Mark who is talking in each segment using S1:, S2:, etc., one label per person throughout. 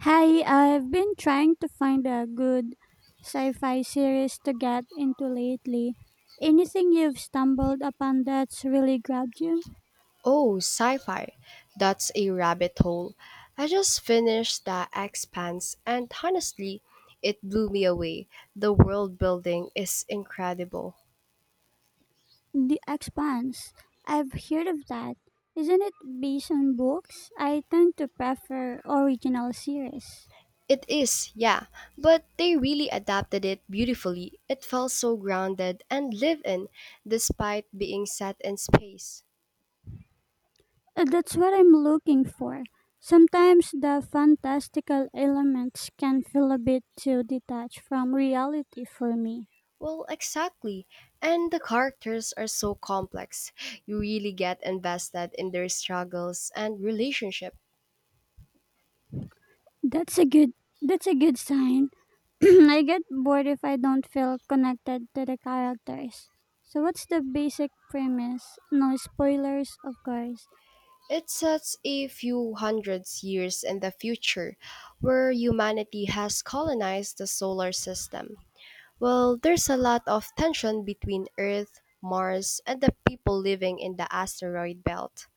S1: Hi, I've been trying to find a good sci fi series to get into lately. Anything you've stumbled upon that's really grabbed you?
S2: Oh, sci fi. That's a rabbit hole. I just finished The Expanse, and honestly, it blew me away. The world building is incredible.
S1: The Expanse. I've heard of that. Isn't it based on books? I tend to prefer original series.
S2: It is, yeah, but they really adapted it beautifully. It felt so grounded and lived in, despite being set in space.
S1: That's what I'm looking for. Sometimes the fantastical elements can feel a bit too detached from reality for me.
S2: Well, exactly. And the characters are so complex. You really get invested in their struggles and relationships.
S1: That's a good that's a good sign. I get bored if I don't feel connected to the characters. So what's the basic premise? No spoilers, of course.
S2: It sets a few hundreds years in the future, where humanity has colonized the solar system. Well, there's a lot of tension between Earth, Mars, and the people living in the asteroid belt.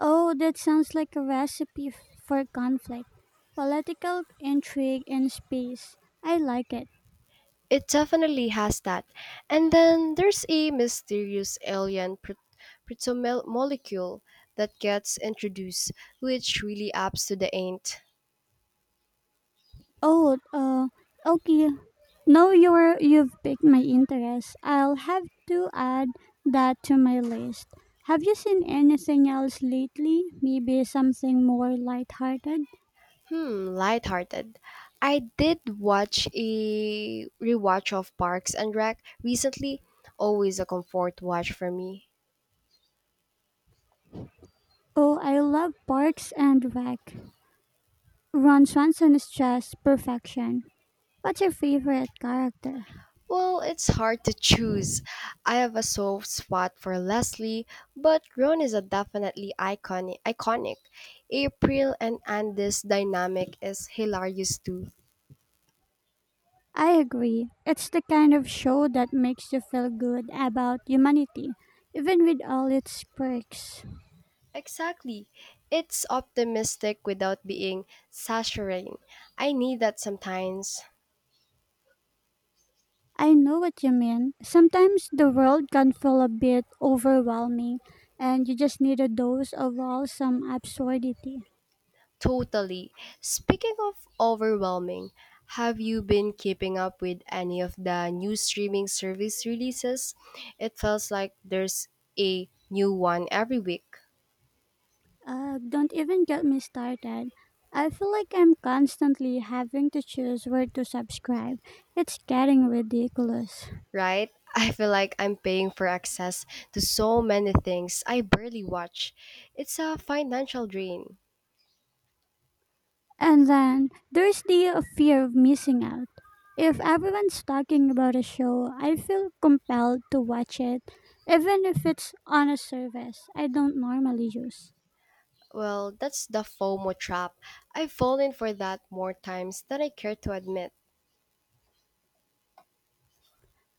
S1: Oh, that sounds like a recipe for conflict. Political intrigue in space. I like it.
S2: It definitely has that. And then there's a mysterious alien molecule that gets introduced, which really adds to the ain't.
S1: Oh, uh, okay. Now you've piqued my interest. I'll have to add that to my list. Have you seen anything else lately? Maybe something more lighthearted?
S2: Lighthearted. I did watch a rewatch of Parks and Rec recently. Always a comfort watch for me.
S1: Oh, I love Parks and Rec. Ron Swanson is just perfection. What's your favorite character?
S2: Well, it's hard to choose. I have a soft spot for Leslie, but Ron is a definitely iconic. Iconic. April and Andy's dynamic is hilarious too.
S1: I agree. It's the kind of show that makes you feel good about humanity, even with all its quirks.
S2: Exactly. It's optimistic without being saturating. I need that sometimes.
S1: I know what you mean. Sometimes the world can feel a bit overwhelming, and you just need a dose of wholesome absurdity.
S2: Totally. Speaking of overwhelming, have you been keeping up with any of the new streaming service releases? It feels like there's a new one every week,
S1: Don't even get me started. I feel like I'm constantly having to choose where to subscribe. It's getting ridiculous.
S2: right? I feel like I'm paying for access to so many things I barely watch. It's a financial drain.
S1: And then there's the fear of missing out. If everyone's talking about a show, I feel compelled to watch it, even if it's on a service I don't normally use.
S2: Well, that's the FOMO trap. I've fallen for that more times than I care to admit.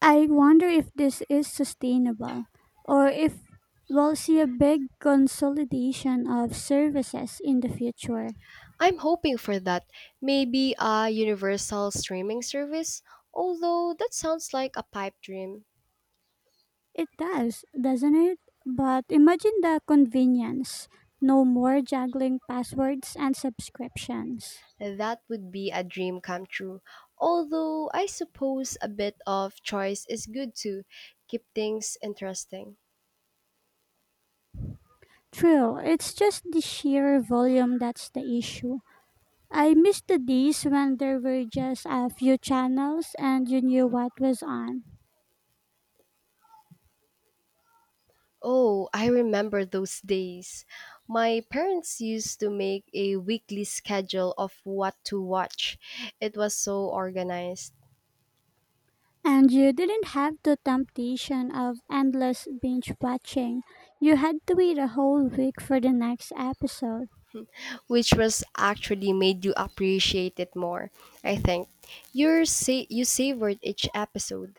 S1: I wonder if this is sustainable or if we'll see a big consolidation of services in the future.
S2: I'm hoping for that. Maybe a universal streaming service? Although that sounds like a pipe dream.
S1: It does, doesn't it? But imagine the convenience. No more juggling passwords and subscriptions.
S2: That would be a dream come true. Although I suppose a bit of choice is good to keep things interesting.
S1: True, it's just the sheer volume that's the issue. I miss the days when there were just a few channels and you knew what was on.
S2: Oh, I remember those days. My parents used to make a weekly schedule of what to watch. It was so organized,
S1: And you didn't have the temptation of endless binge watching. You had to wait a whole week for the next episode.
S2: which was actually made you appreciate it more. I think you savored each episode.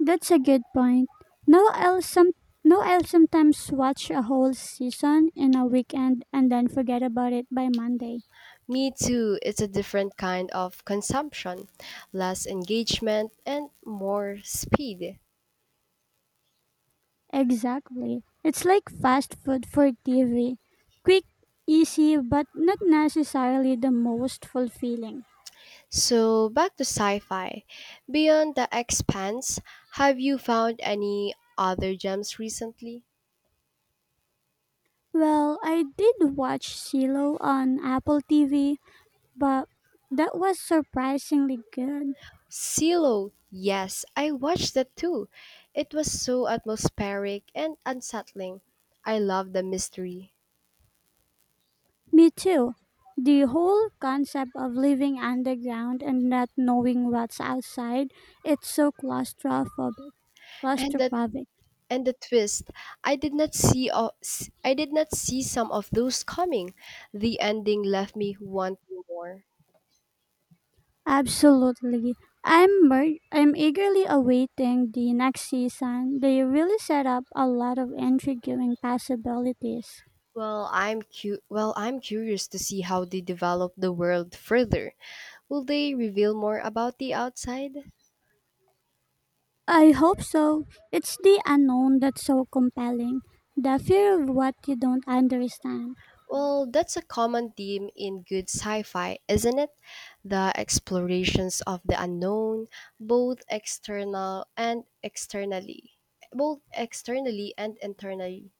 S1: That's a good point. No, I'll some no, I'll sometimes watch a whole season in a weekend and then forget about it by Monday.
S2: Me too. It's a different kind of consumption, less engagement and more speed.
S1: Exactly. It's like fast food for TV. Quick, easy, but not necessarily the most fulfilling.
S2: So back to sci-fi. Beyond The Expanse, have you found any other gems recently?
S1: Well, I did watch Silo on Apple TV but that was surprisingly good.
S2: Silo. Yes, I watched that too. It was so atmospheric and unsettling. I love the mystery.
S1: Me too. The whole concept of living underground and not knowing what's outside, it's so claustrophobic.
S2: And the.
S1: Claustrophobic.
S2: And the twist, I did not see some of those coming. The ending left me wanting more.
S1: Absolutely. I'm eagerly awaiting the next season. They really set up a lot of intriguing possibilities.
S2: Well, I'm curious to see how they develop the world further. Will they reveal more about the outside?
S1: I hope so. It's the unknown that's so compelling. The fear of what you don't understand.
S2: Well, that's a common theme in good sci-fi, isn't it? The explorations of the unknown, both external and externally, both externally and internally.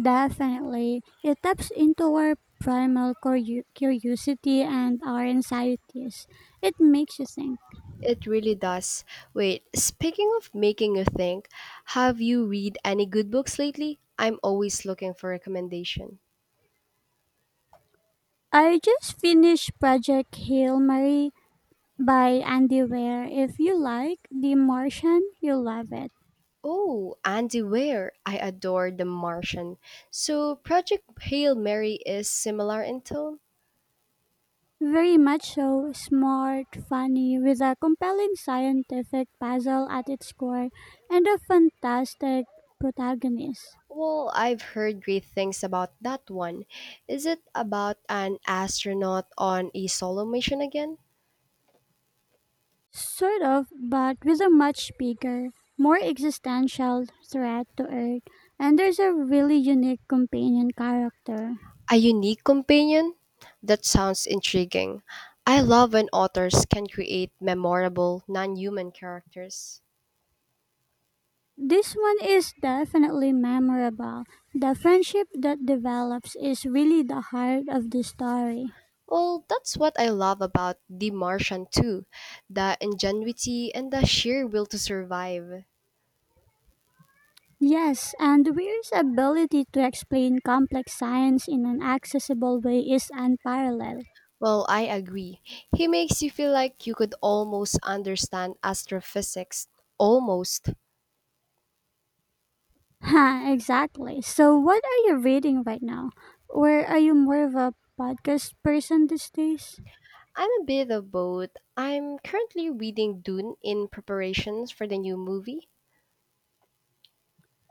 S1: Definitely. It taps into our curiosity and our anxieties. It makes you think.
S2: It really does. Wait, speaking of making you think, have you read any good books lately? I'm always looking for recommendation.
S1: I just finished Project Hail Mary by Andy Weir. If you like The Martian, you'll love it.
S2: Oh, Andy Weir. I adore The Martian. So, Project Hail Mary is similar in tone?
S1: Very much so, smart, funny, with a compelling scientific puzzle at its core, and a fantastic protagonist.
S2: Well, I've heard great things about that one. Is it about an astronaut on a solo mission again?
S1: Sort of, but with a much bigger, more existential threat to Earth, and there's a really unique companion character.
S2: A unique companion? That sounds intriguing. I love when authors can create memorable, non human characters.
S1: This one is definitely memorable. The friendship that develops is really the heart of the story.
S2: Well, that's what I love about The Martian, too the ingenuity and the sheer will to survive.
S1: Yes, and Weir's ability to explain complex science in an accessible way is unparalleled.
S2: Well, I agree. He makes you feel like you could almost understand astrophysics. Almost.
S1: Ha, exactly. So, what are you reading right now? Or are you more of a podcast person these days?
S2: I'm a bit of both. I'm currently reading Dune in preparations for the new movie.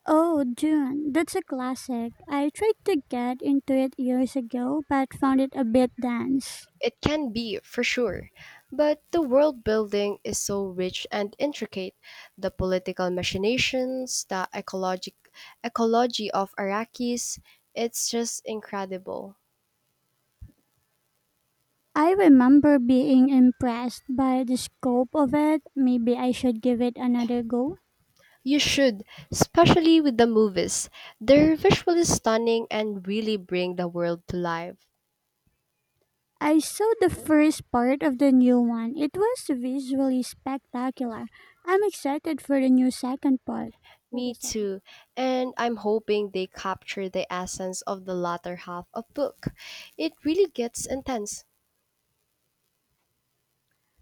S1: Oh, Dune. That's a classic. I tried to get into it years ago but found it a bit dense.
S2: It can be, for sure. But the world building is so rich and intricate. The political machinations, the ecologic ecology of Arakis, it's just incredible.
S1: I remember being impressed by the scope of it. Maybe I should give it another go.
S2: You should, especially with the movies. They're visually stunning and really bring the world to life.
S1: I saw the first part of the new one. It was visually spectacular. I'm excited for the new second part. For the
S2: Me
S1: second.
S2: too, and I'm hoping they capture the essence of the latter half of book. It really gets intense.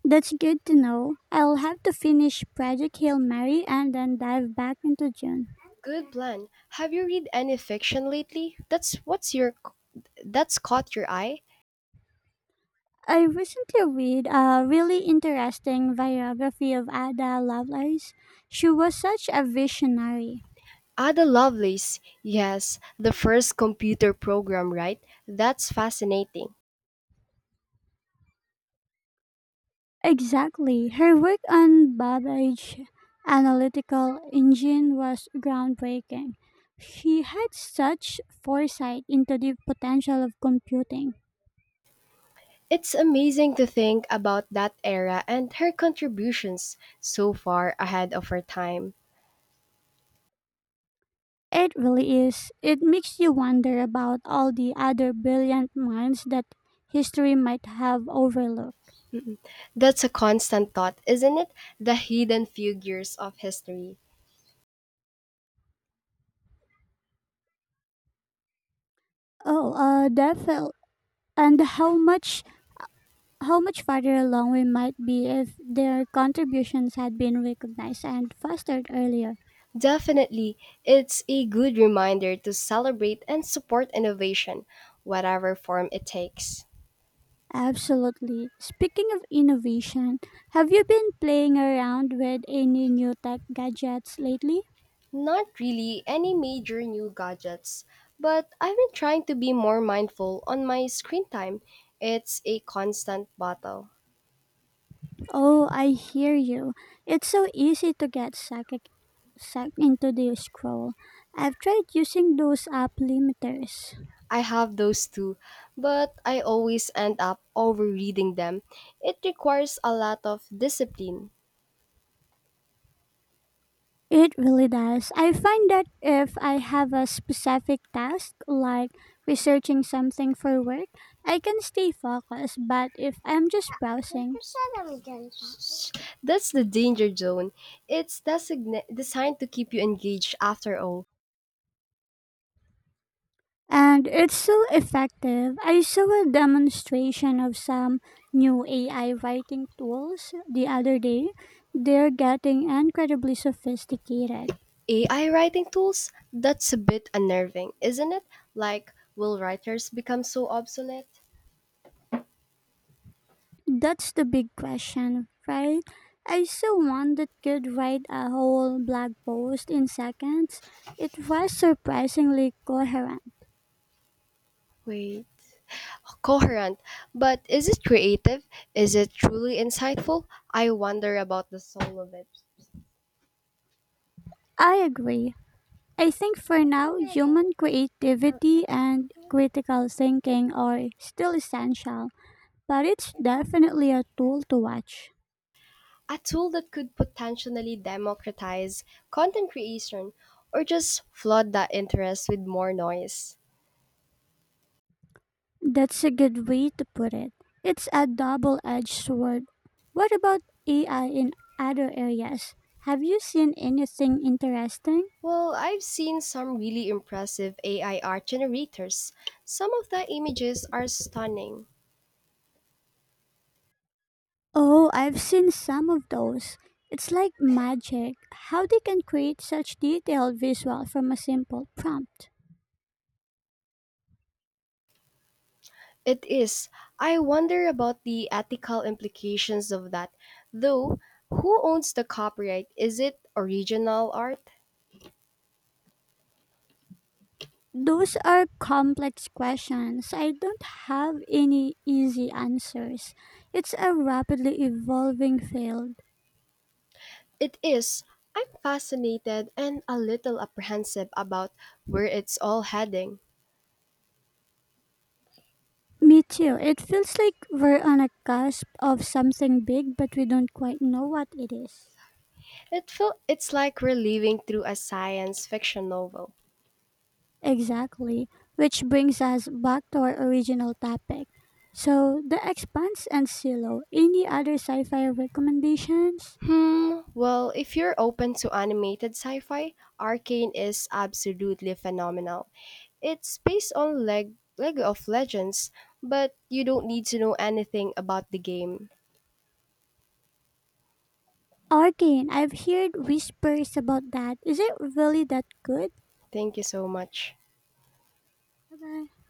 S1: That's good to know. I'll have to finish Project Hail Mary and then dive back into June.
S2: Good plan. Have you read any fiction lately? That's caught your eye?
S1: I recently read a really interesting biography of Ada Lovelace. She was such a visionary.
S2: Ada Lovelace. Yes, the first computer program, right? That's fascinating.
S1: Exactly. Her work on Babbage analytical engine was groundbreaking. She had such foresight into the potential of computing.
S2: It's amazing to think about that era and her contributions so far ahead of her time.
S1: It really is. It makes you wonder about all the other brilliant minds that history might have overlooked.
S2: That's a constant thought, isn't it? The hidden figures of history.
S1: Oh, Definitely. And how much farther along we might be if their contributions had been recognized and fostered earlier.
S2: Definitely, it's a good reminder to celebrate and support innovation, whatever form it takes.
S1: Absolutely. Speaking of innovation, have you been playing around with any new tech gadgets lately?
S2: Not really any major new gadgets, but I've been trying to be more mindful on my screen time. It's a constant battle.
S1: Oh, I hear you. It's so easy to sucked into the scroll. I've tried using those app limiters.
S2: I have those too, but I always end up overreading them. It requires a lot of discipline.
S1: It really does. I find that if I have a specific task, like researching something for work, I can stay focused, but if I'm just browsing,
S2: That's the danger zone. It's designed to keep you engaged after all.
S1: and it's so effective. I saw a demonstration of some new AI writing tools the other day. They're getting incredibly sophisticated.
S2: AI writing tools? That's a bit unnerving, isn't it? Like, will writers become so obsolete?
S1: That's the big question, right? I saw one that could write a whole blog post in seconds. It was surprisingly coherent.
S2: Wait. Coherent, but is it creative? Is it truly insightful? I wonder about the soul of it.
S1: I agree. I think for now, human creativity and critical thinking are still essential, but it's definitely a tool to watch.
S2: A tool that could potentially democratize content creation or just flood that interest with more noise.
S1: That's a good way to put it. It's a double edged sword. What about AI in other areas? Have you seen anything interesting?
S2: Well, I've seen some really impressive AI art generators. Some of the images are stunning.
S1: Oh, I've seen some of those. It's like magic how they can create such detailed visual from a simple prompt.
S2: It is. I wonder about the ethical implications of that. Though, who owns the copyright? Is it original art?
S1: Those are complex questions. I don't have any easy answers. It's a rapidly evolving field.
S2: It is. I'm fascinated and a little apprehensive about where it's all heading.
S1: Me too. It feels like we're on a cusp of something big, but we don't quite know what it is.
S2: It's like we're living through a science fiction novel.
S1: Exactly, which brings us back to our original topic. So, The Expanse and Silo, any other sci fi recommendations?
S2: Well, if you're open to animated sci-fi, Arcane is absolutely phenomenal. It's based on Lego of Legends, but you don't need to know anything about the game.
S1: Arcane, I've heard whispers about that. Is it really that good?
S2: Thank you so much.
S1: Bye bye.